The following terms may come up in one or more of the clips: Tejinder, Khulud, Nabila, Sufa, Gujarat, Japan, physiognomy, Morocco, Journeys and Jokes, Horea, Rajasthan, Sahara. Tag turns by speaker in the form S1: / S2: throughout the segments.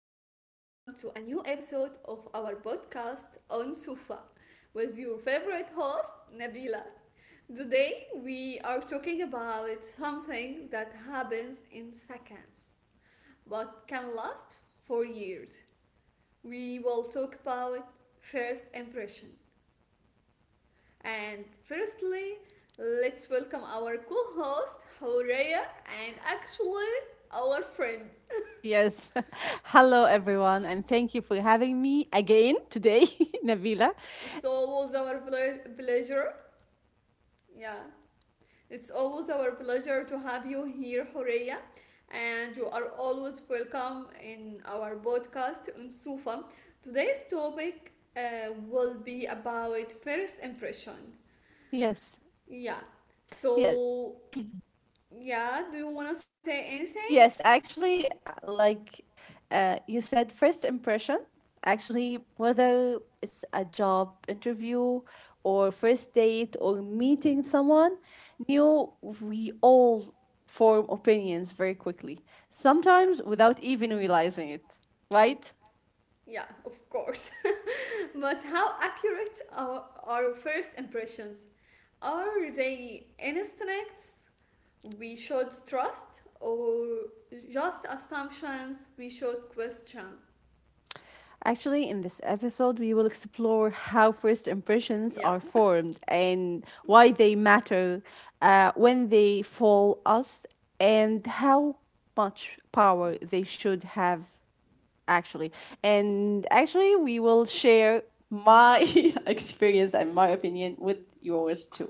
S1: to a new episode of our podcast on Sufa with your favorite host, Nabila. Today, we are talking about something that happens in seconds but can last for years. We will talk about first impression. And firstly, let's welcome our co host, Horea, and actually, our friend.
S2: Yes. Hello, everyone, and thank you for having me again today, Nabila.
S1: It's always
S2: And
S1: our
S2: yeah,
S1: pleasure.
S2: yes, and
S1: Yeah.
S2: actually,
S1: It's
S2: like you
S1: always our
S2: said,
S1: pleasure to have you here, Horea.
S2: thank
S1: And you
S2: you.
S1: are always welcome in our podcast on Sufa. Today's topic will be about first impression.
S2: Yes,
S1: Yeah.
S2: yes.
S1: So, yeah, do you want to say anything?
S2: Yes, actually, you said, first impression, actually, whether it's a job interview or first date or meeting someone new, we all form opinions very quickly,
S1: Yeah.
S2: sometimes without even realizing it, right?
S1: Yeah, of course. But how accurate are our first impressions? Are they instincts we should trust or just assumptions we should question?
S2: Actually, in this episode, we will explore how first impressions
S1: Yeah,
S2: are formed and why they matter when they fall us and how much power they should have, actually. And actually, we will share my experience and my opinion with yours too.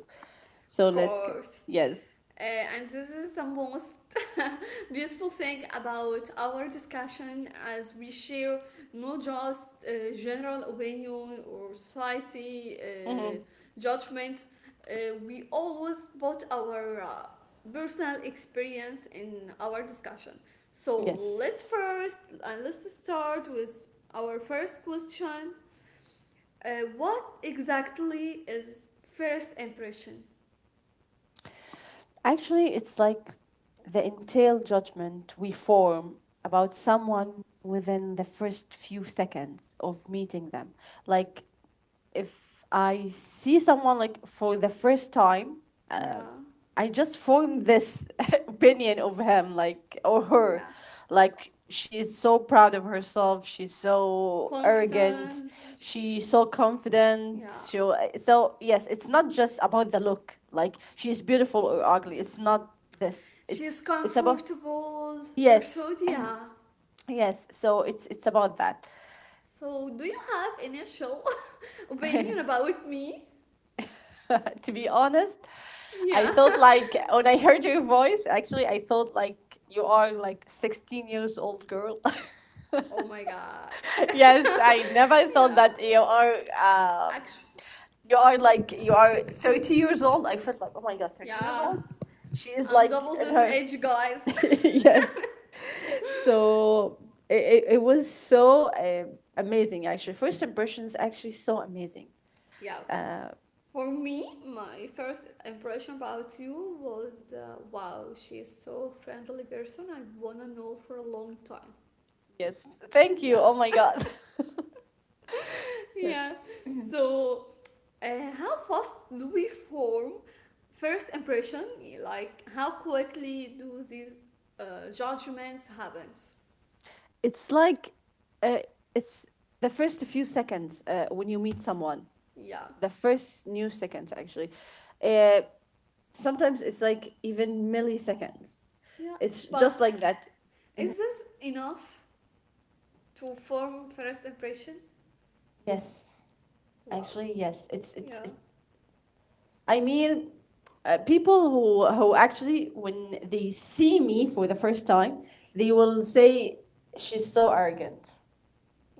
S2: So
S1: of
S2: let's get.
S1: course.
S2: Yes.
S1: Uh, and this is the most beautiful thing about our discussion as we share not just general opinion or society judgments, we always put our personal experience in our discussion. So
S2: Yes.
S1: let's start with our first question. Uh, what exactly is first impression?
S2: Actually, it's like the entailed judgment we form about someone within the first few seconds of meeting them. Like, if I see someone like for the first time, uh,
S1: Yeah,
S2: I just form this opinion of him, like or her,
S1: yeah.
S2: like she's so proud of herself. She's so arrogant.
S1: Confident.
S2: She's so confident.
S1: Yeah.
S2: So yes, it's not just about the look. Like she's beautiful or ugly. It's not this.
S1: She's
S2: It's about
S1: comfortable
S2: yes,
S1: person, yeah.
S2: yes. So it's about that.
S1: So, do you have initial opinion about me?
S2: To be honest,
S1: Yeah.
S2: I thought like when I heard your voice, actually, I thought like you are like 16 years old girl.
S1: Oh my god.
S2: Yes, I never thought
S1: Yeah.
S2: that um,
S1: Actually,
S2: you are like you are 30 years old. I felt like oh my god, 30 years
S1: yeah.
S2: old. She is
S1: I'm
S2: like
S1: double
S2: in
S1: this
S2: her
S1: age, guys.
S2: yes. So it was so amazing actually. First impressions actually so amazing.
S1: Yeah.
S2: Uh,
S1: For me, my first impression about you was the, wow, she is so friendly person. I wanna know for a long time.
S2: yes, thank you.
S1: Yeah.
S2: Oh my god.
S1: Yeah.
S2: Yes.
S1: So how fast do we form first impression? Like how quickly do these judgments happens?
S2: it's like uh, it's the first few seconds when you meet someone
S1: Yeah,
S2: the first new seconds actually, uh, sometimes it's like even milliseconds.
S1: yeah.
S2: It's just
S1: But
S2: like that.
S1: is this enough to form first impression?
S2: Yes,
S1: Wow.
S2: actually, yes. It's it's,
S1: Yeah.
S2: it's I mean, people who actually when they see me for the first time they will say she's so arrogant,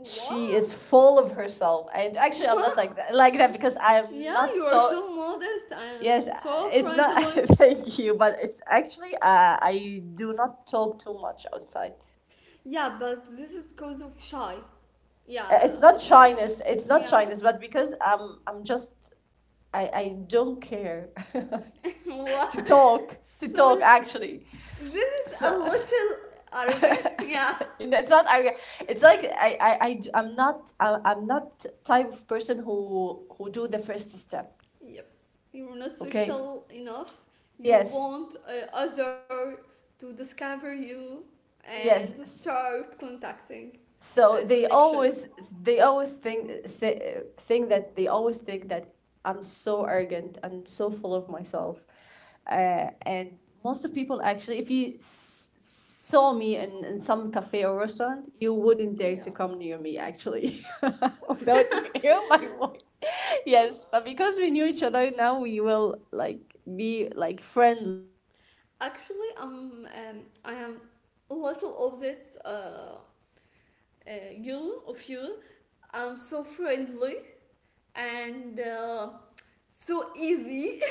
S2: she is full of herself, and actually I'm not like that because I'm
S1: Yeah, you
S2: not
S1: are
S2: so.
S1: so modest
S2: Yes,
S1: and so
S2: it's not.
S1: friendly.
S2: Thank you, but it's actually, I do not talk too much outside.
S1: Yeah, but this is because of shy. Yeah,
S2: It's not
S1: of shy.
S2: shyness. It's not
S1: Yeah.
S2: shyness, but because I'm just I don't care
S1: What?
S2: to
S1: So
S2: talk actually.
S1: this is a
S2: So
S1: little arrogant. Yeah.
S2: you know, it's not. I It's like I d- I'm not I, I'm not type of person who do the first step.
S1: Yep. You're not
S2: Okay.
S1: social enough. You
S2: Yes.
S1: want other to discover you and
S2: Yes.
S1: start contacting and
S2: So
S1: connection.
S2: they always think say, think that they always think that I'm so arrogant, I'm so full of myself, and most of people actually if you saw me in some cafe or restaurant you wouldn't dare
S1: Yeah.
S2: to come near me actually without hearing my voice. Yes, but because we knew each other now we will like be like friendly without any this first
S1: Actually,
S2: impression.
S1: I am a little opposite you of you. I'm so friendly and so easy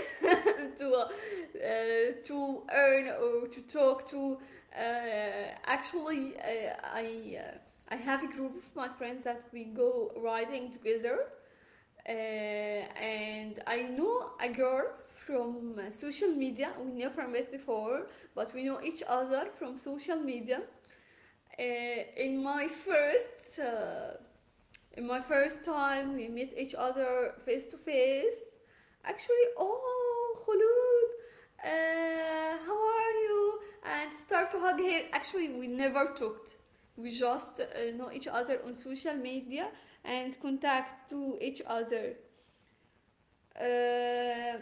S1: to earn or to talk to. I have a group of my friends that we go riding together, and I know a girl from social media. We never met before, but we know each other from social media. Uh, in my first uh, in my first time, we meet each other face to face. Actually, oh, Khulud, how are you? And start to hug her. Actually, we never talked. We just know each other on social media and contact to each other. Uh,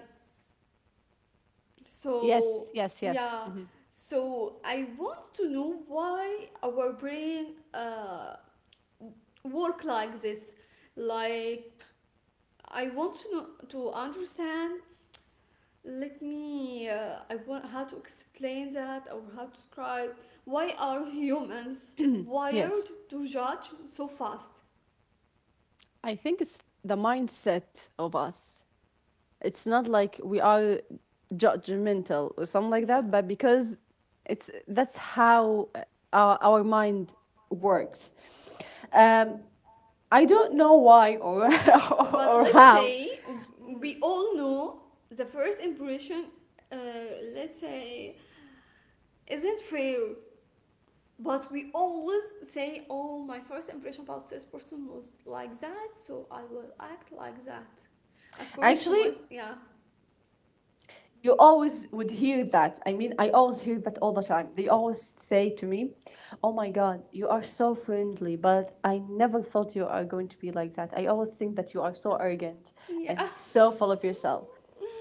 S1: so
S2: Yes, yes, yes.
S1: yeah.
S2: Hmm.
S1: So I want to know why our brain work like this. Like I want to know, to understand. Let me. I want how to explain that or how to describe. Why are humans
S2: Yes.
S1: wired to judge so fast?
S2: I think it's the mindset of us. It's not like we are judgmental or something like
S1: Yeah.
S2: that, but because it's that's how our mind works. Um, I don't know why or
S1: But
S2: or
S1: let's
S2: how.
S1: say we all know the first impression. Uh, let's say isn't fair. But we always say, "Oh, my first impression about this person was like that, so I will act like that." According to
S2: Actually,
S1: my yeah
S2: you always would hear that. I mean, I always hear that all the time. They always say to me, "Oh my God, you are so friendly," but I never thought you are going to be like that. I always think that you are so arrogant
S1: yeah.
S2: and so full of yourself.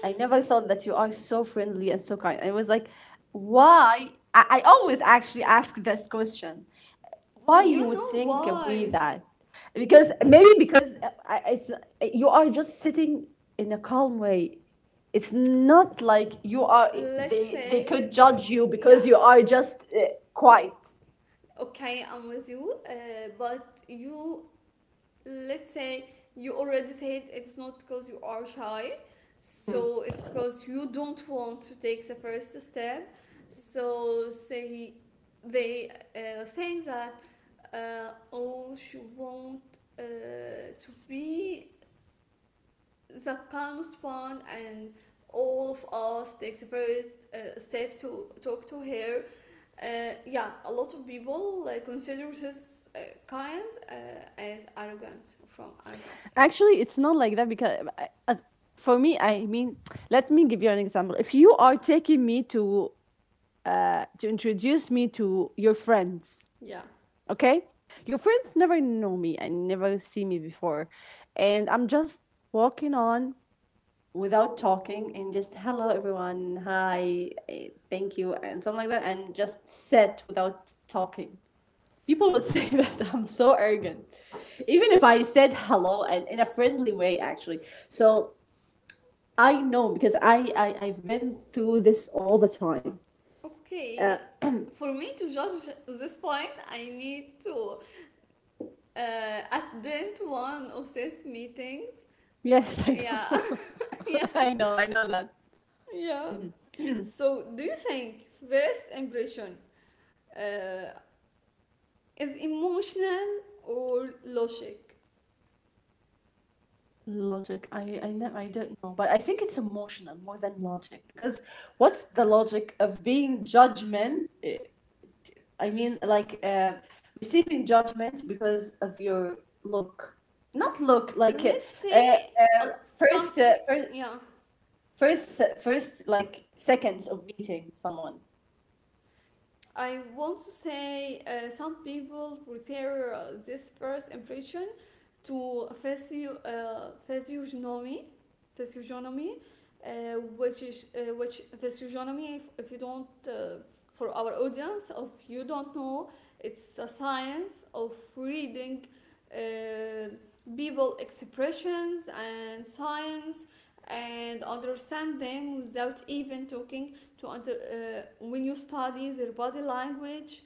S2: I never thought that you are so friendly and so kind. I was like, why? I always actually ask this question why you
S1: You
S2: would
S1: know
S2: think of me
S1: why?
S2: that because maybe because it's you are just sitting in a calm way. It's not like you are
S1: Let's
S2: they
S1: say,
S2: could judge you
S1: yeah,
S2: because you are just quiet.
S1: okay, I'm with you, but you, let's say, you already said it's not because you are shy, so it's because you don't want to take the first step. So say they think that, oh, she won't to be the calmest one and all of us takes the first step to talk to her yeah, a lot of people consider this kind as arrogance.
S2: Actually, it's not like that because for me, I mean, let me give you an example. If you
S1: Yeah,
S2: are taking me to introduce me to your friends,
S1: yeah.
S2: okay? Your friends never know me and never see me before, and I'm just walking on without talking and just hello everyone hi thank you and something like that and just sit without talking. People would say that I'm so arrogant even if I said hello and in a friendly way actually. So I know because I I've been through this all the time.
S1: Okay, for me to judge this point I need to attend one of these meetings.
S2: Yes. I
S1: Yeah.
S2: know.
S1: Yeah.
S2: I know, I know that.
S1: Yeah, so do you think first impression uh, is emotional or logic.
S2: Logic. I i know I don't know, but I think it's emotional more than logic, because what's the logic of being judgment I mean, like, receiving judgment because of your look, not look like
S1: Let's
S2: uh, uh,
S1: say uh, some,
S2: first, uh, first,
S1: yeah.
S2: first, like seconds of meeting someone.
S1: I want to say some people prefer this first impression to physiognomy, physiognomy, which is which physiognomy. If you don't, for our audience, if you don't know, it's a science of reading uh, people expressions and signs and understand them without even talking to under when you study their body language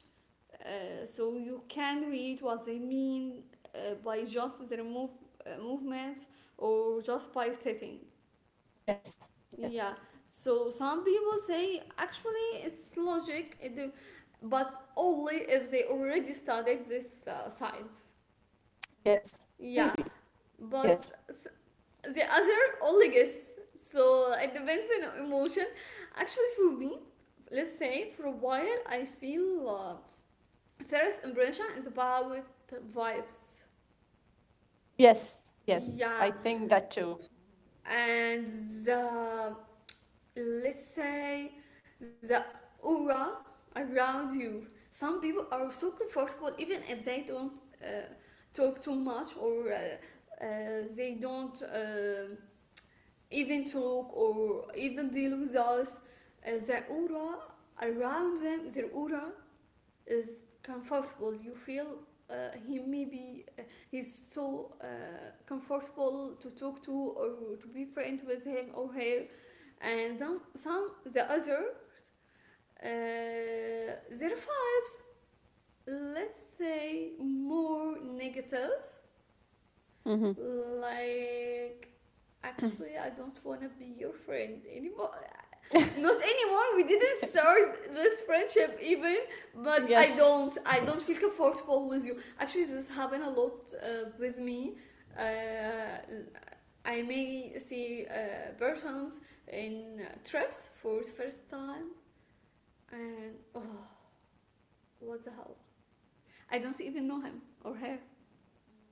S1: so you
S2: Yes.
S1: can read what they mean by
S2: Hmm.
S1: just their move, movements or just by stating.
S2: Yes. Yes.
S1: Yeah. So some people say actually it's logic, but only if they already studied this science. Yeah.
S2: Be-
S1: But The other only guess. So it depends on emotion. Actually, for me, let's say for a while, I feel first impression is about vibes.
S2: Yes. Yes. I
S1: Yeah,
S2: think that too.
S1: and the let's say the aura around you. Some people are so comfortable even if they don't uh, talk too much or they don't even talk or even deal with us. Their aura around them, their aura is comfortable. You feel he maybe he's so comfortable to talk to or to be friend with him or her, and then some the others their vibes let's say more negative,
S2: Mm-hmm.
S1: like actually I don't want to be your friend anymore. Not anymore. We didn't start this friendship even, but I
S2: Yes.
S1: don't. I don't feel comfortable with you. Actually, this happened a lot with me. Uh, I may see persons in trips for the first time, and oh, what the hell! I don't even know him or her.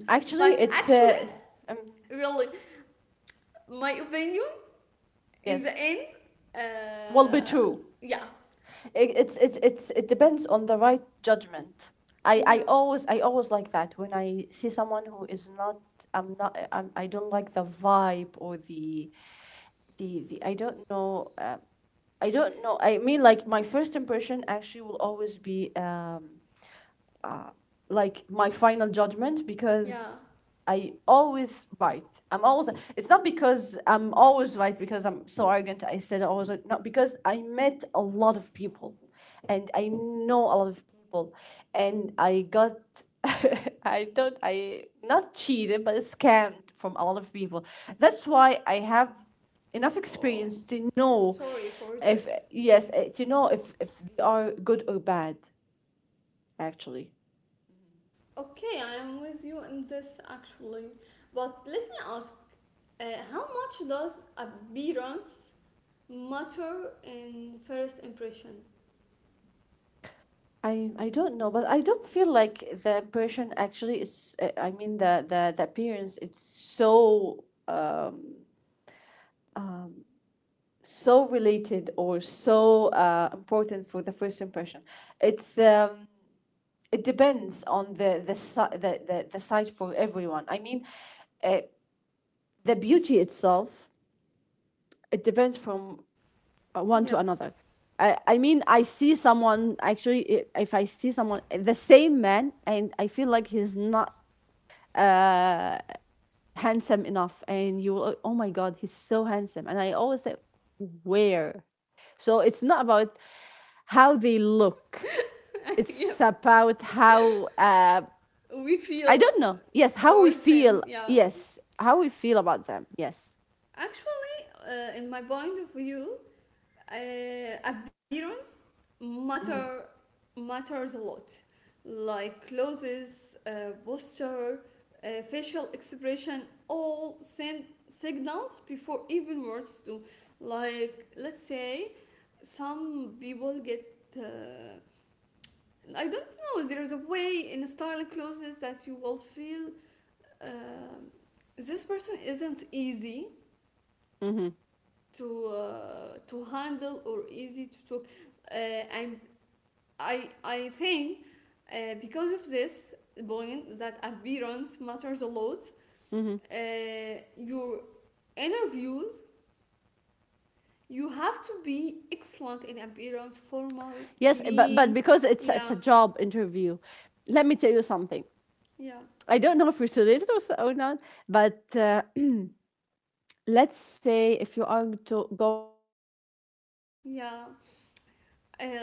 S2: Actually,
S1: But I,
S2: it's, Um,
S1: really, my opinion in
S2: yes.
S1: the end,
S2: Will be
S1: uh,
S2: true.
S1: yeah,
S2: It, it's it depends on the right judgment. I, I
S1: yeah,
S2: always I always like that when I see someone who is not I'm not I'm, I don't like the vibe or the I don't know. I don't know. I mean like my first impression actually will always be, like my final judgment,
S1: yeah.
S2: because I always right. I'm always. It's not because I'm always right because I'm so arrogant. I said I was right. Not because I met a lot of people, and I know a lot of people, and I got. I don't. I not cheated, but scammed from a lot of people. That's why I have enough
S1: Oh,
S2: experience to know
S1: sorry for
S2: if
S1: this.
S2: yes to know if they are good or bad actually.
S1: Okay, I am with you in this actually. But let me ask uh, how much does appearance matter in first impression?
S2: I don't know, but I don't feel like the impression actually is. I mean the the appearance. It's so so related or so important for the first impression. It's it depends on the the site for everyone. I mean, uh, the beauty itself it depends from, one to
S1: Yep.
S2: another. I mean I see someone actually if I see someone the same man and I feel like he's not handsome enough and you will oh my god he's so handsome and I always say where. So it's not about how they look. It's
S1: Yep,
S2: about how
S1: we
S2: I
S1: feel
S2: don't know, yes how we
S1: towards him,
S2: feel,
S1: yeah.
S2: yes how we feel about them, yes.
S1: Actually, in my point of view, uh, appearance matter matters a lot, like clothes, posture, facial expression all send signals before even words do. Like let's say some people get uh, I don't know, there is a way in styling clothes that you will feel uh, this person isn't easy
S2: Hmm.
S1: to handle or easy to talk uh, and I think because of this point that appearance matters a lot.
S2: Hmm.
S1: Your interviews you have to be excellent in appearance, formal,
S2: Yes, but
S1: clean.
S2: because it's
S1: Yeah,
S2: a job interview, let me tell you something.
S1: yeah,
S2: I don't know if it's related or not, but let's say if you are going to get married
S1: yeah.
S2: the first
S1: Uh,
S2: impression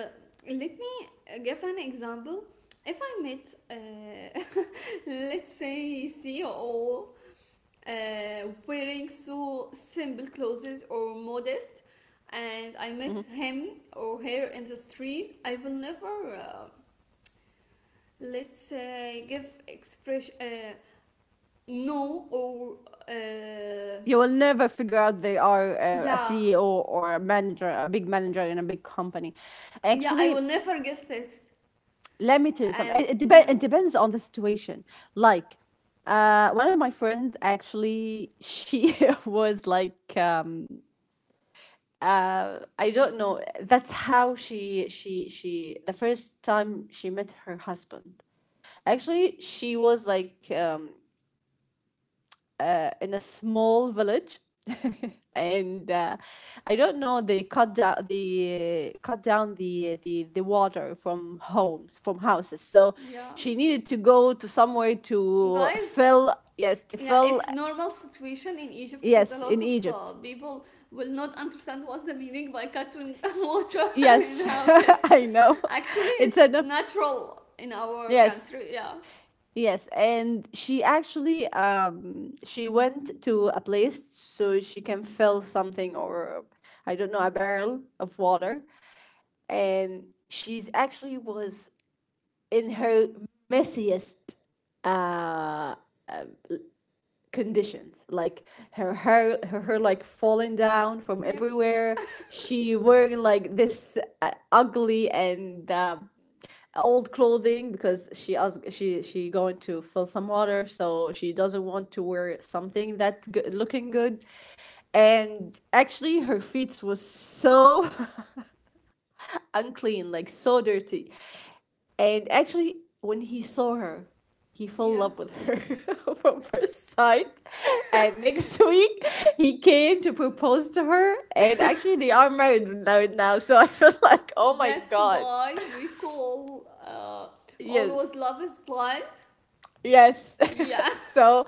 S1: let
S2: it's
S1: me
S2: always ma-
S1: give an example. If I met, let's say, CEO wearing so simple clothes or modest and I met him or her in the street I will never let's say give expression no or uh,
S2: you will never figure out they are, a
S1: yeah
S2: CEO or a manager, a big manager in a big company.
S1: yeah I will
S2: Actually,
S1: never guess this
S2: let me tell you something.
S1: and yeah
S2: It depends on the situation. Like, one of my friends actually, she was like, I don't know. That's how she the first time she met her husband. Actually, she was like in a small village and I don't know they cut down the, the water from homes from houses, so
S1: yeah
S2: she needed to go to somewhere to
S1: guys.
S2: fill,
S1: Yeah, it's normal situation in Egypt because a
S2: yes
S1: lot
S2: in
S1: of
S2: Egypt.
S1: people will not understand what's the meaning by cartoon water
S2: Yes.
S1: in houses.
S2: I know.
S1: Actually,
S2: It's
S1: it's
S2: enough.
S1: natural in our
S2: Yes,
S1: country. Yeah.
S2: yes, and she actually she went to a place so she can fill something or I don't know a barrel of water, and she's actually was in her messiest conditions, like her hair like falling down from
S1: Yep.
S2: everywhere, she wearing like this ugly and old clothing, because she ask she going to fill some water, so she doesn't want to wear something that good, looking good, and actually her feet was so unclean, like so dirty. And actually, when he saw her, he fell in
S1: Yeah.
S2: love with her from first sight. And next week, he came to propose to her. And actually, they are married now. So I felt like, oh my
S1: That's
S2: God.
S1: why we call always
S2: Yes.
S1: love is blind.
S2: Yes.
S1: Yeah.
S2: So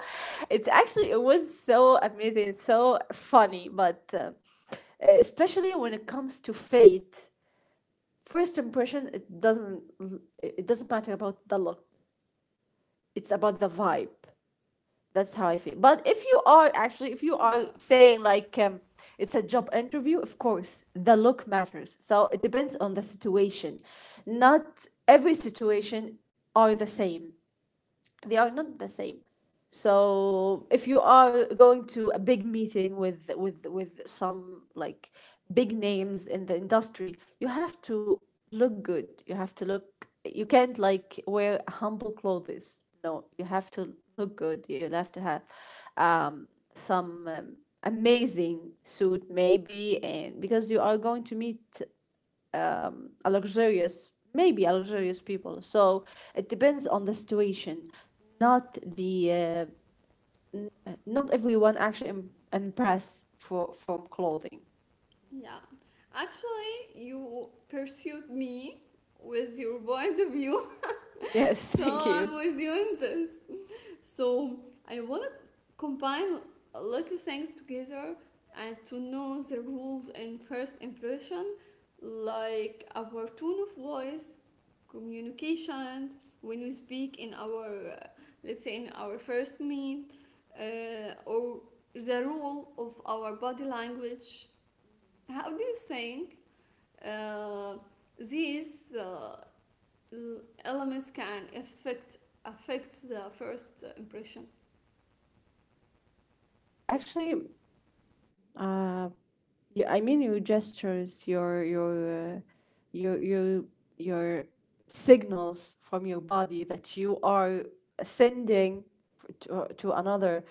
S2: it's actually, it was so amazing, so funny. But especially when it comes to fate, first impression, it doesn't matter about the look. It's about the vibe. That's how I feel. But if you are actually, if you are
S1: Yeah.
S2: saying like it's a job interview, of course, the look matters. So it depends on the situation. Not every situation are the same, they are not the same. So if you are going to a big meeting with with some like big names in the industry, you have to look good. You have to look, you can't like wear humble clothes. No, you have to look good. You have to have um, some amazing suit maybe. And because you are going to meet a luxurious, maybe a luxurious people. So it depends on the situation, not the not everyone actually impressed for from clothing.
S1: Yeah. Actually, you pursued me with your point of view,
S2: Yes, thank
S1: so
S2: you.
S1: I'm with you in this. So I want to combine a lot of things together and to know the rules in first impression, like our tone of voice, communication, when we speak in our, let's say, in our first meet, or the rule of our body language. How do you think uh, these elements can affect the first impression?
S2: Actually, uh yeah, I mean your gestures, your uh, your your signals from your body that you are sending, to another.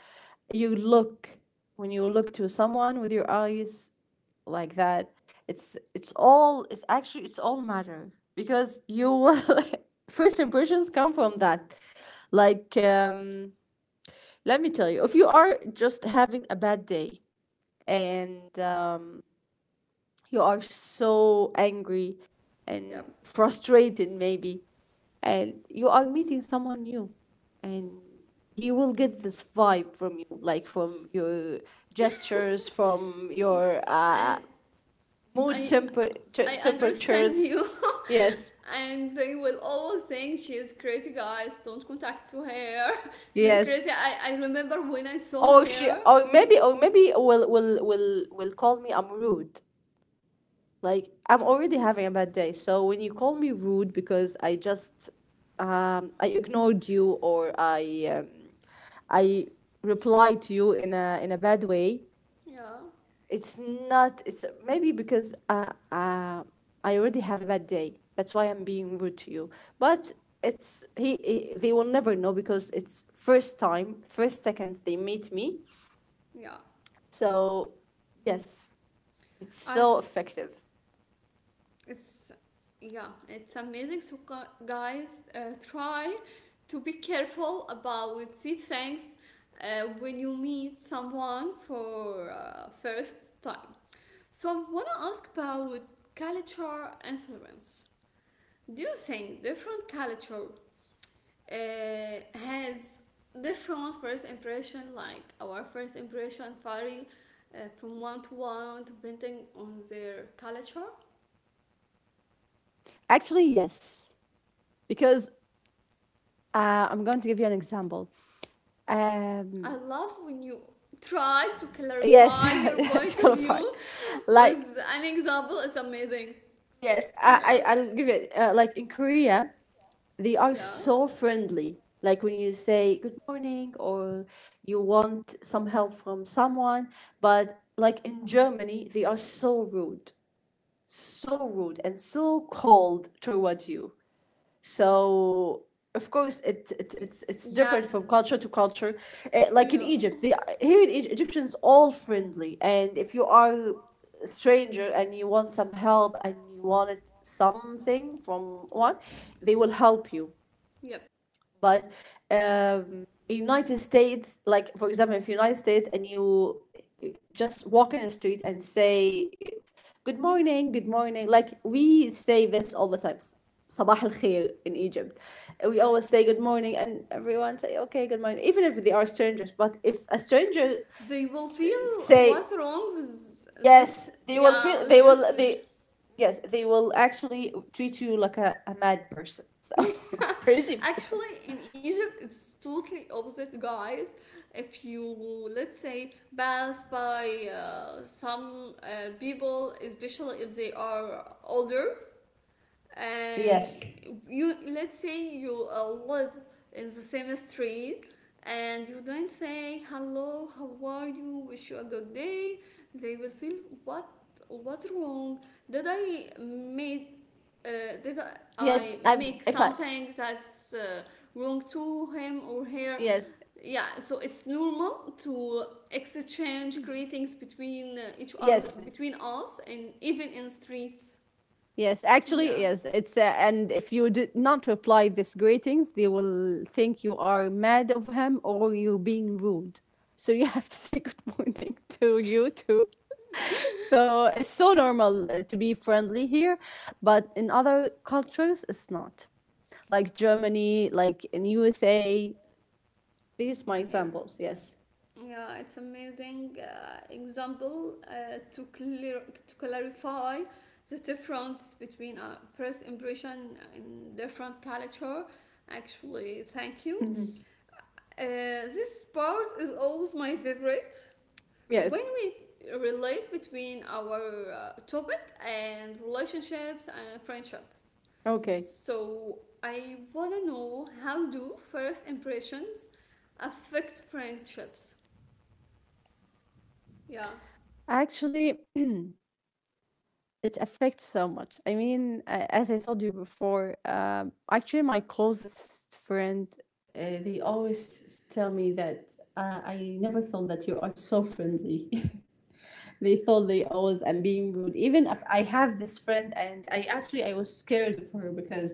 S2: You look, when you look to someone with your eyes like that, it's all, it's actually it's all matter, because you will, first impressions come from that. like um Let me tell you, if you are just having a bad day, and you are so angry
S1: Yep.
S2: and frustrated maybe, and you are meeting someone new, and he will get this vibe from you, like from your gestures, from your
S1: And
S2: mood,
S1: I
S2: temper,
S1: I understand
S2: temperatures.
S1: you.
S2: Yes,
S1: And they will always think she's crazy, guys, don't contact to her. She's
S2: yes.
S1: crazy. I remember when I saw
S2: Or she,
S1: her,
S2: or maybe will will call me, I'm rude. Like I'm already having a bad day. So when you call me rude, because I just, I ignored you, or I reply to you in a bad way.
S1: yeah
S2: It's not. It's maybe because I already have a bad day. That's why I'm being rude to you. But it's he, he. They will never know, because it's first time, first seconds they meet me.
S1: yeah,
S2: So yes, it's
S1: I
S2: so effective.
S1: it's yeah, it's amazing. So guys, try to be careful about these things when you meet someone for first time. So I wanna ask about culture influence. Do you think different culture uh, has different first impression? Like our first impression vary from one to one depending on their culture.
S2: Actually, yes, because I'm going to give you an example.
S1: I
S2: Um,
S1: love when you try to
S2: yes,
S1: clarify your
S2: to
S1: point of
S2: qualify,
S1: view
S2: like
S1: with an example. It's amazing.
S2: yes, I,
S1: Yeah,
S2: I I'll give it like in Korea they are
S1: yeah,
S2: so friendly. Like when you say good morning, or you want some help from someone. But like in Germany, they are so rude and so cold toward you. So of course, it,
S1: Y-
S2: it it's it's
S1: yeah,
S2: different from culture to culture. Eh,
S1: yeah,
S2: like in Egypt, they are- here in Egypt, Egyptians all friendly, and if you are a stranger and you want some help and you wanted something from one, they will help you.
S1: yep.
S2: But United States, like for example, if United States and you just walk in the street and say good morning, like we say this all the times. Sabah al khair in Egypt. We always say good morning and everyone say okay, good morning, even if they are strangers. But if a stranger
S1: They will feel
S2: say,
S1: what's wrong with this.
S2: yes, they will
S1: Yeah,
S2: feel
S1: with
S2: they
S1: this
S2: will
S1: person.
S2: they, yes, they will actually treat you like a mad person. So crazy person.
S1: Actually, in Egypt, it's totally opposite, guys. If you let's say pass by some people, especially if they are older, and
S2: Yes.
S1: you let's say you live in the same street and you don't say hello, how are you, wish you a good day, they will feel what what's wrong, did I made uh, did
S2: Yes,
S1: I
S2: I've
S1: make
S2: if I,
S1: something that's wrong to him or her.
S2: yes,
S1: Yeah, so it's normal to exchange greetings between each other
S2: yes,
S1: between us and even in streets.
S2: yes, actually
S1: Yeah.
S2: yes, it's and if you did not reply this greetings, they will think you are mad of him or you being rude. So you have to say good morning to you too. So it's so normal to be friendly here, but in other cultures it's not, like Germany, like in USA, these my
S1: Eh,
S2: examples. Yes.
S1: yeah, it's amazing example to clarify the difference between first impression in different culture. Actually, thank you.
S2: Mhm.
S1: Uh, this part is always my favorite. When
S2: Yes,
S1: we relate between our topic and relationships and friendships.
S2: okay,
S1: So I wanna know how do first impressions affect friendships? Yeah.
S2: actually it affects so much. I mean, as I told you before, actually, my closest friend, they always tell me that I never thought that you are so friendly. They thought they always am being rude. Even if I have this friend, and I actually I was scared of her, because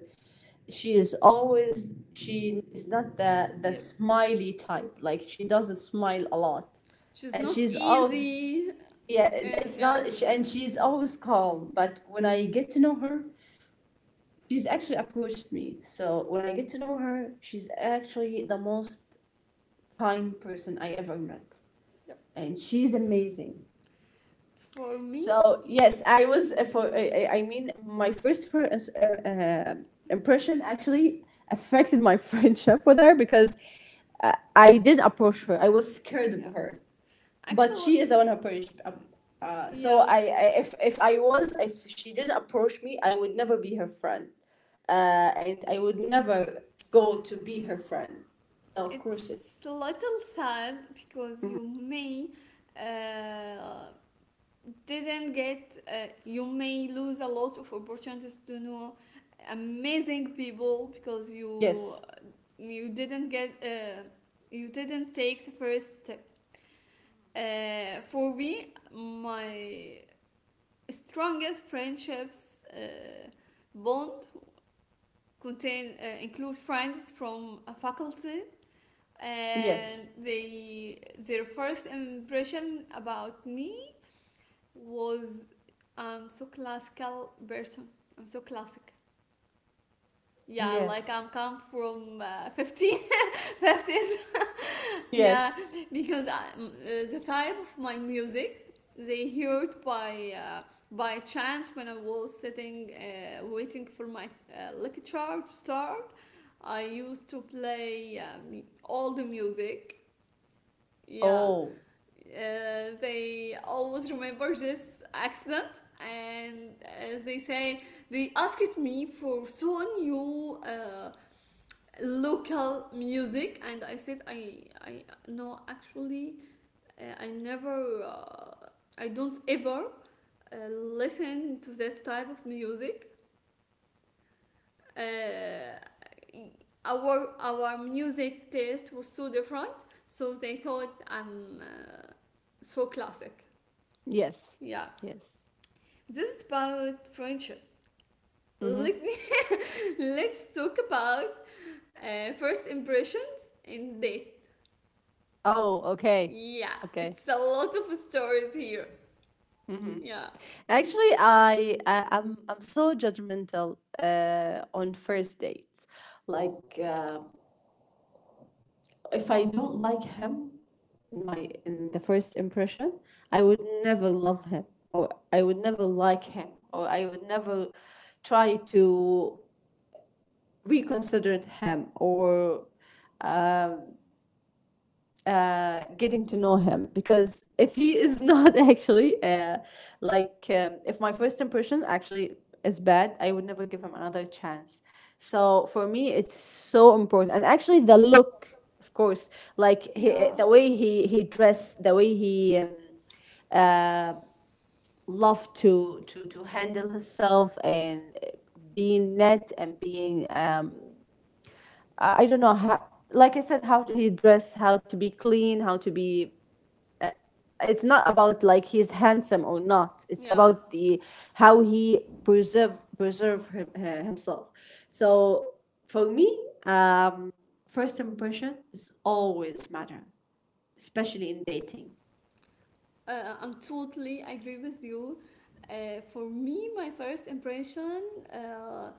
S2: she is always, she is not the
S1: Yep.
S2: smiley type. Like she doesn't smile a lot,
S1: She's
S2: and
S1: not
S2: she's all,
S1: easy
S2: yeah, and
S1: and
S2: it's
S1: yeah.
S2: not, and she's always calm. But when I get to know her, she's actually approached me. So when I get to know her, she's actually the most kind person I ever met,
S1: Yep.
S2: and she's amazing.
S1: For me,
S2: So yes, I was for I mean my first impression actually affected my friendship with her, because I didn't approach her. I was scared of
S1: yeah.
S2: her, but
S1: Actually,
S2: she is the one who approached. So
S1: yeah,
S2: I, if I was, if she didn't approach me, I would never be her friend, uh, and I would never go to be her friend. So of course it.
S1: it's a little sad because you may uh, didn't get you may lose a lot of opportunities to know amazing people because you
S2: Yes.
S1: you didn't get you didn't take the first step. For me, my strongest friendships bond contain, include friends from a faculty, and
S2: Yes.
S1: they, their first impression about me was I'm so classical person. I'm so classic. Yeah, like
S2: Yes.
S1: I'm come from 15, fifties. Yeah,
S2: Yes.
S1: because the type of my music they heard by chance when I was sitting waiting for my lecture to start. I used to play all the music. Yeah,
S2: Oh,
S1: uh, they always remember this accident, and they say they asked me for so new. Local music, and I said, I, no, actually, I never, I don't ever listen to this type of music. Uh, our music taste was so different, so they thought I'm so classic.
S2: yes.
S1: Yeah,
S2: Yes.
S1: this is about friendship. Let me let's talk about first impressions and date.
S2: Oh, okay.
S1: Yeah,
S2: Okay.
S1: it's a lot of stories here. Yeah,
S2: Actually, I'm so judgmental on first dates. Like if I don't like him, in my, in the first impression, I would never love him, or I would never like him, or I would never try to reconsider him, or getting to know him. Because if he is not, actually like if my first impression actually is bad, I would never give him another chance. So for me, it's so important. And actually, the look, of course, like he,
S1: yeah,
S2: the way he dressed, the way he loved to to handle himself, and being net, and being I don't know how, like I said, how he dressed, how to be clean, how to be, it's not about like he's handsome or not, it's
S1: yeah.
S2: about the, how he preserve him, himself. So for me, first impression is always matter, especially in dating.
S1: I'm totally agree with you. For me, my first impression uh,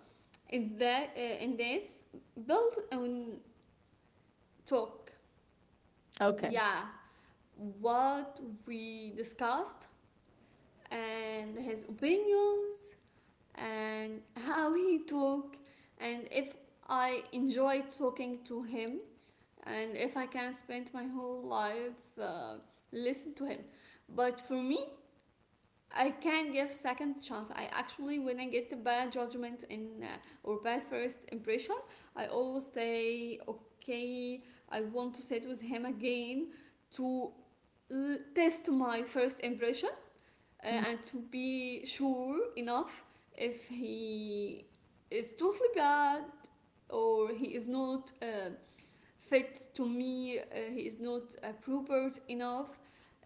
S1: in this built on talk.
S2: Okay.
S1: Yeah, what we discussed and his opinions and how he talk, and if I enjoy talking to him and if I can spend my whole life listen to him. But for me, I can give second chance. I actually, when I get the bad judgment in or bad first impression, I always say, okay, I want to sit with him again to test my first impression, and to be sure enough if he is totally bad or he is not fit to me, he is not appropriate enough,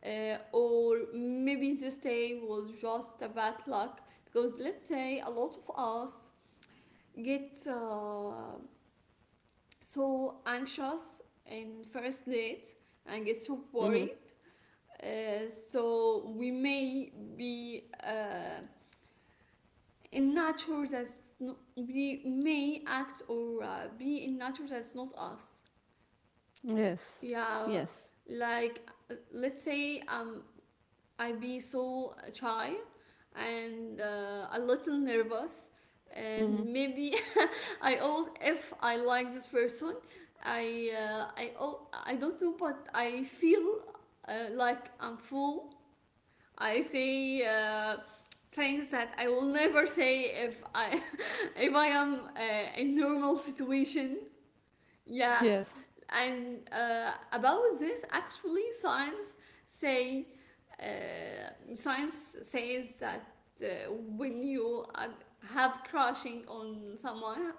S1: or maybe this day was just a bad luck. Because let's say a lot of us get so anxious in first date and get so worried.
S2: Hmm.
S1: So we may be in nature that's no, we may act or be in nature that's not us.
S2: Yes.
S1: Yeah,
S2: Yes.
S1: like let's say, I be so shy and a little nervous,
S2: Hmm.
S1: and maybe I always, if I like this person, I don't know, but I feel like I'm full. I say things that I will never say if I if I am in normal situation. Yeah,
S2: Yes.
S1: and about this, actually, say science says that uh, when you have crushing on someone,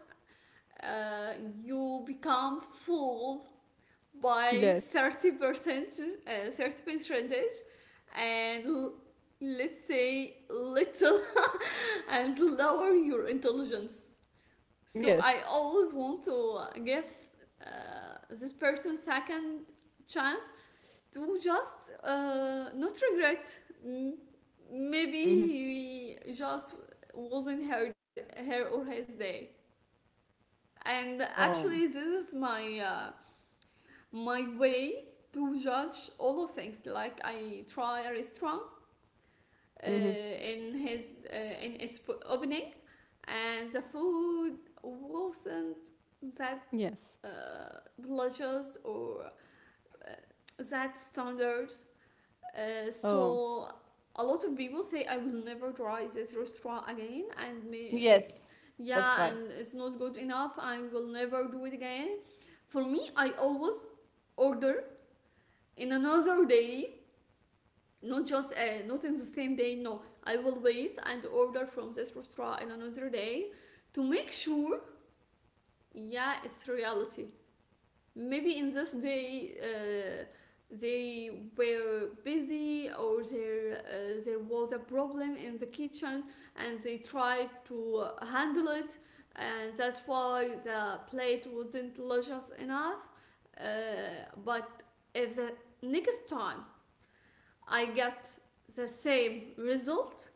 S1: uh, you become fooled by
S2: Yes.
S1: 30%, 30 percentage, and let's say little and lower your intelligence. So
S2: Yes.
S1: I always want to give uh, this person second chance to just not regret. Maybe
S2: Hmm.
S1: he just wasn't her, her or his day. And
S2: Oh.
S1: actually, this is my my way to judge all the things. Like I try a restaurant
S2: Hmm.
S1: in his opening, and the food wasn't that
S2: Yes.
S1: uh, levels or that standard.
S2: Oh.
S1: So a lot of people say I will never try this restaurant again, and me,
S2: Yes. That's
S1: yeah,
S2: right.
S1: and it's not good enough, I will never do it again. For me, I always order in another day, not just not in the same day, no, I will wait and order from this restaurant in another day to make sure, yeah, it's reality. Maybe in this day they were busy, or there was a problem in the kitchen, and they tried to handle it, and that's why the plate wasn't luscious enough. uh, but if the next time I get the same result,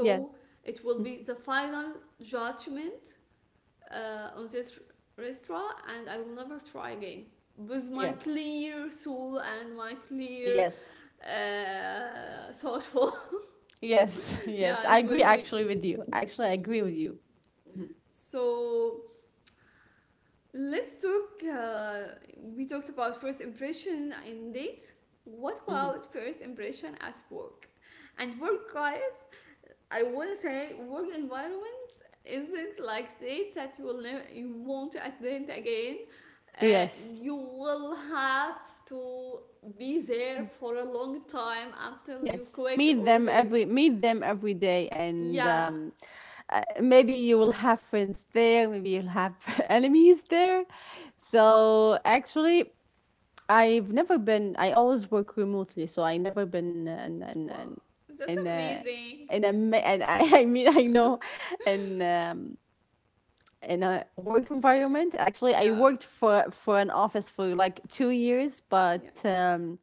S2: Yes.
S1: it will
S2: Mhm.
S1: be the final judgment on this restaurant, and I will never try again. With my
S2: Yes.
S1: clear soul and my clear
S2: Yes.
S1: thoughtful.
S2: Yes, yes.
S1: Yeah,
S2: I
S1: it will
S2: agree
S1: be.
S2: actually with you. Actually, I agree with you.
S1: So let's talk. We talked about first impression in date. What about first impression at work? And work, guys, I would say work environment isn't like dates that you will never, you won't attend again. Uh,
S2: Yes.
S1: you will have to be there for a long time until you
S2: Yes.
S1: quit
S2: Meet
S1: or
S2: them
S1: they.
S2: every, meet them every day, and
S1: Yeah.
S2: maybe you will have friends there, maybe you'll have enemies there. So actually I've never been, I always work remotely, so I never been in in
S1: Wow.
S2: in,
S1: That's
S2: in a
S1: amazing.
S2: and I, I mean I know in um in a work environment. Actually, I
S1: Yeah.
S2: worked for an office for like 2 years, but
S1: Yeah.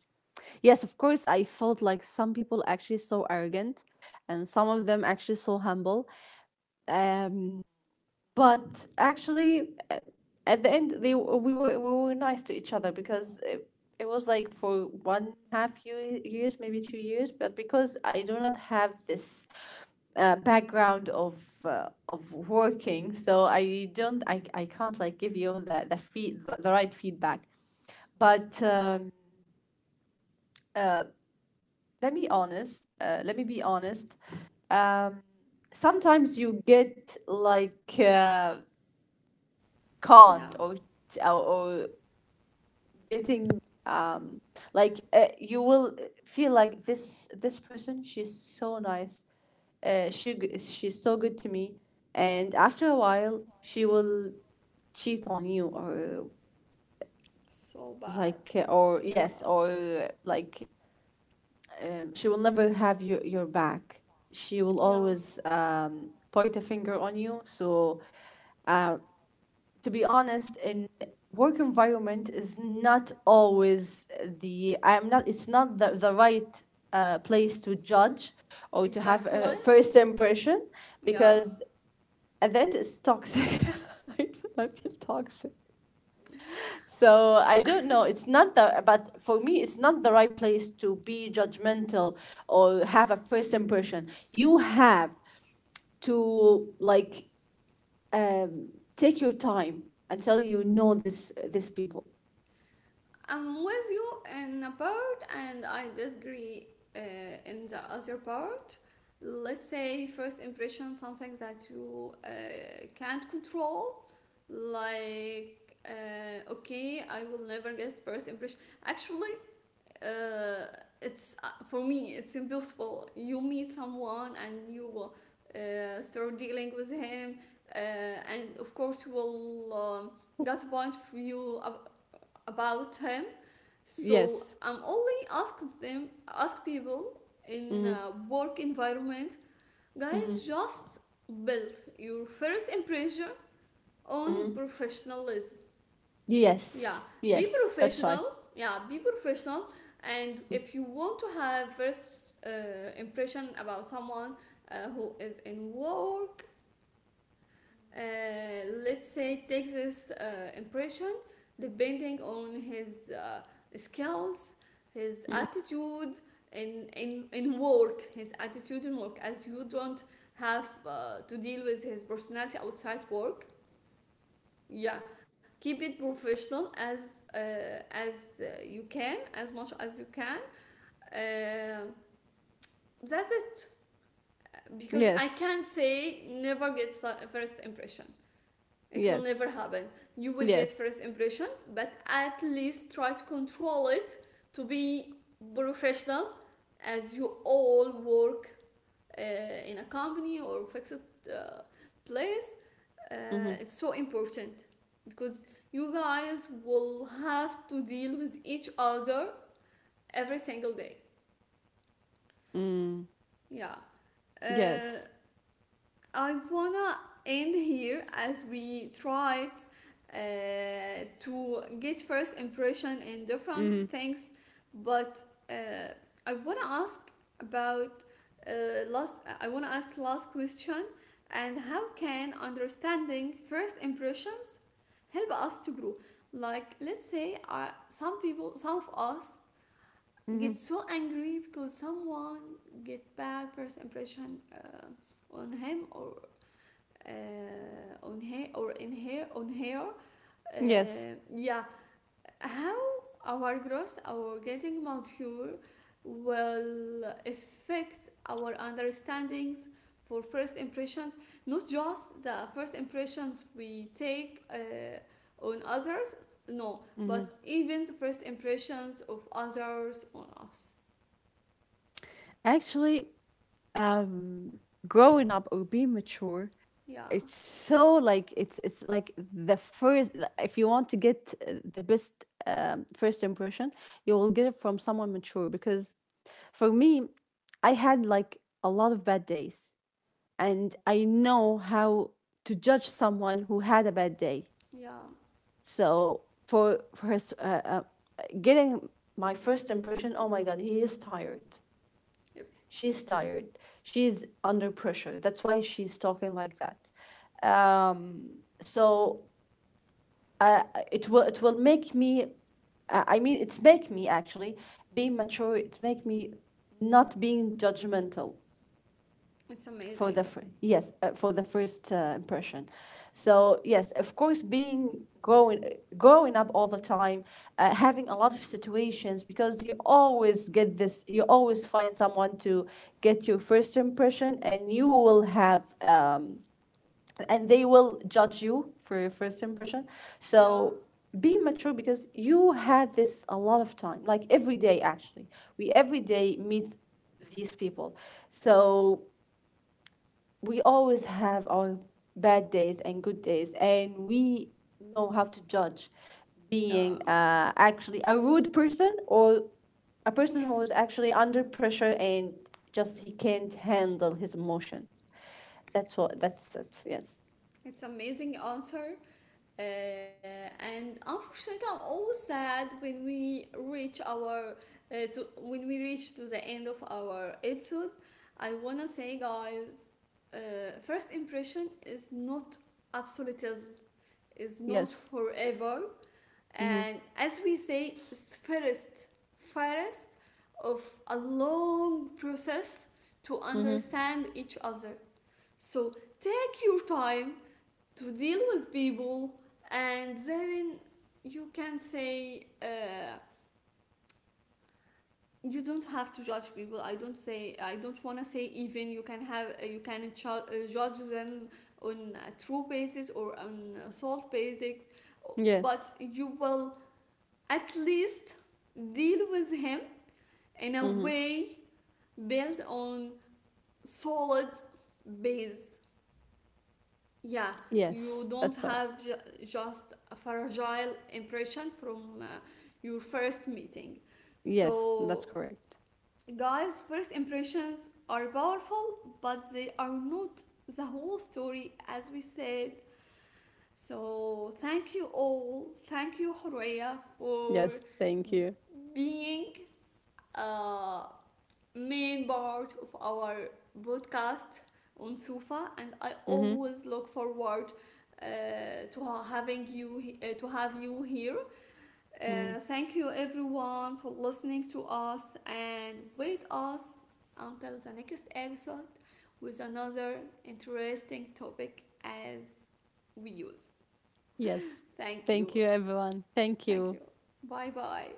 S2: yes, of course, I felt like some people actually so arrogant, and some of them actually so humble. Um, but actually at the end, they, we were nice to each other, because it was like for one half year, years, maybe 2 years. But because I do not have this background of working, so I don't I can't like give you the, feed, the right feedback. But uh, let me honest, let me be honest, um, sometimes you get like,
S1: Yeah.
S2: can't, or or getting, um like you will feel like this person, she's so nice, she's so good to me, and after a while she will cheat on you, or
S1: So bad.
S2: like or
S1: Yeah.
S2: yes, or like she will never have your back, she will
S1: Yeah.
S2: always point a finger on you. So uh to be honest, in work environment is not always the, I'm not, it's not the, the right place to judge, or to have a
S1: Exactly.
S2: first impression.
S1: Yeah.
S2: Because at the end it's toxic, I feel toxic. So I don't know, it's not the, but for me it's not the right place to be judgmental, or have a first impression. You have to like um, take your time until you know this, this people.
S1: I'm with you in a part, and I disagree uh, in the other part. Let's say first impression, something that you can't control. Like, okay, I will never get first impression. Actually, uh, it's for me, it's impossible. You meet someone and you start dealing with him, and of course, you will get a point of view about him. So
S2: Yes.
S1: I'm only ask them, ask people in
S2: Hmm.
S1: work environment, guys,
S2: Hmm.
S1: just build your first impression on professionalism. Yeah,
S2: Yes,
S1: be
S2: yes, that's right.
S1: professional. Yeah, be professional. And if you want to have first impression about someone who is in work, uh, let's say takes this impression depending on his skills, his attitude in work, his attitude in work, as you don't have to deal with his personality outside work. Yeah, keep it professional as you can, as much as you can, uh, that's it. Because I
S2: Yes.
S1: can't say never get first impression. It will never
S2: Yes.
S1: happen. You will get
S2: Yes.
S1: first impression, but at least try to control it to be professional, as you all work uh, in a company or fixed uh, place.
S2: Hmm.
S1: It's so important because you guys will have to deal with each other every single day.
S2: Mm.
S1: Yeah. Uh,
S2: Yes.
S1: I wanna end here as we tried to get first impression in different
S2: Hmm.
S1: things, but uh, I wanna ask about last. I wanna ask last question. And how can understanding first impressions help us to grow? Like, let's say, some people, some of us get
S2: Hmm.
S1: so angry because someone get bad first impression on him or on her or in her on her,
S2: Yes.
S1: yeah, how our growth, our getting mature will affect our understandings for first impressions, not just the first impressions we take on others, no, but even the first impressions of others on us.
S2: Actually, um, growing up or being mature,
S1: Yeah.
S2: it's so like, it's like the first. If you want to get the best first impression, you will get it from someone mature. Because for me, I had like a lot of bad days, and I know how to judge someone who had a bad day.
S1: Yeah.
S2: So for his, getting my first impression, oh my god, he is tired.
S1: Yep.
S2: She's tired. She's under pressure. That's why she's talking like that. Um, so uh, it will, it will make me, I mean, it's make me actually be mature. It make me not being judgmental
S1: It's amazing.
S2: yes for the first impression. So yes, of course being growing, growing up all the time, having a lot of situations, because you always get this, you always find someone to get your first impression, and you will have and they will judge you for your first impression.
S1: Yeah.
S2: So being mature, because you had this a lot of time, like every day, actually we every day meet these people. So we always have our bad days and good days, and we know how to judge,
S1: Yeah.
S2: being actually a rude person, or a person who is actually under pressure and just he can't handle his emotions. That's what, that's it. Yes.
S1: It's amazing answer. And unfortunately, I'm always sad when we reach our when we reach to the end of our episode. I wanna say, guys, first impression is not absolutism, is not
S2: Yes.
S1: forever,
S2: Mm-hmm.
S1: and as we say, it's first, first of a long process to
S2: Mm-hmm.
S1: understand each other. So take your time to deal with people, and then you can say you don't have to judge people, I don't want to say even you can have you can judge them on a true basis or on a salt basis,
S2: Yes.
S1: but you will at least deal with him in a
S2: Mm-hmm.
S1: way built on solid base. Yeah, you
S2: Yes,
S1: don't
S2: that's right.
S1: have just a fragile impression from your first meeting.
S2: Yes, that's
S1: So,
S2: correct.
S1: guys, first impressions are powerful, but they are not the whole story, as we said. So thank you all. Thank you, Horea, for
S2: Yes, thank you.
S1: being uh, main part of our podcast on Sufa, and I
S2: Mm-hmm.
S1: always look forward to have you here. Thank you, everyone, for listening to us, and wait us until the next episode with another interesting topic, as we used.
S2: Yes,
S1: Thank
S2: thank you
S1: you.
S2: everyone, thank
S1: Thank
S2: you.
S1: you. Bye bye.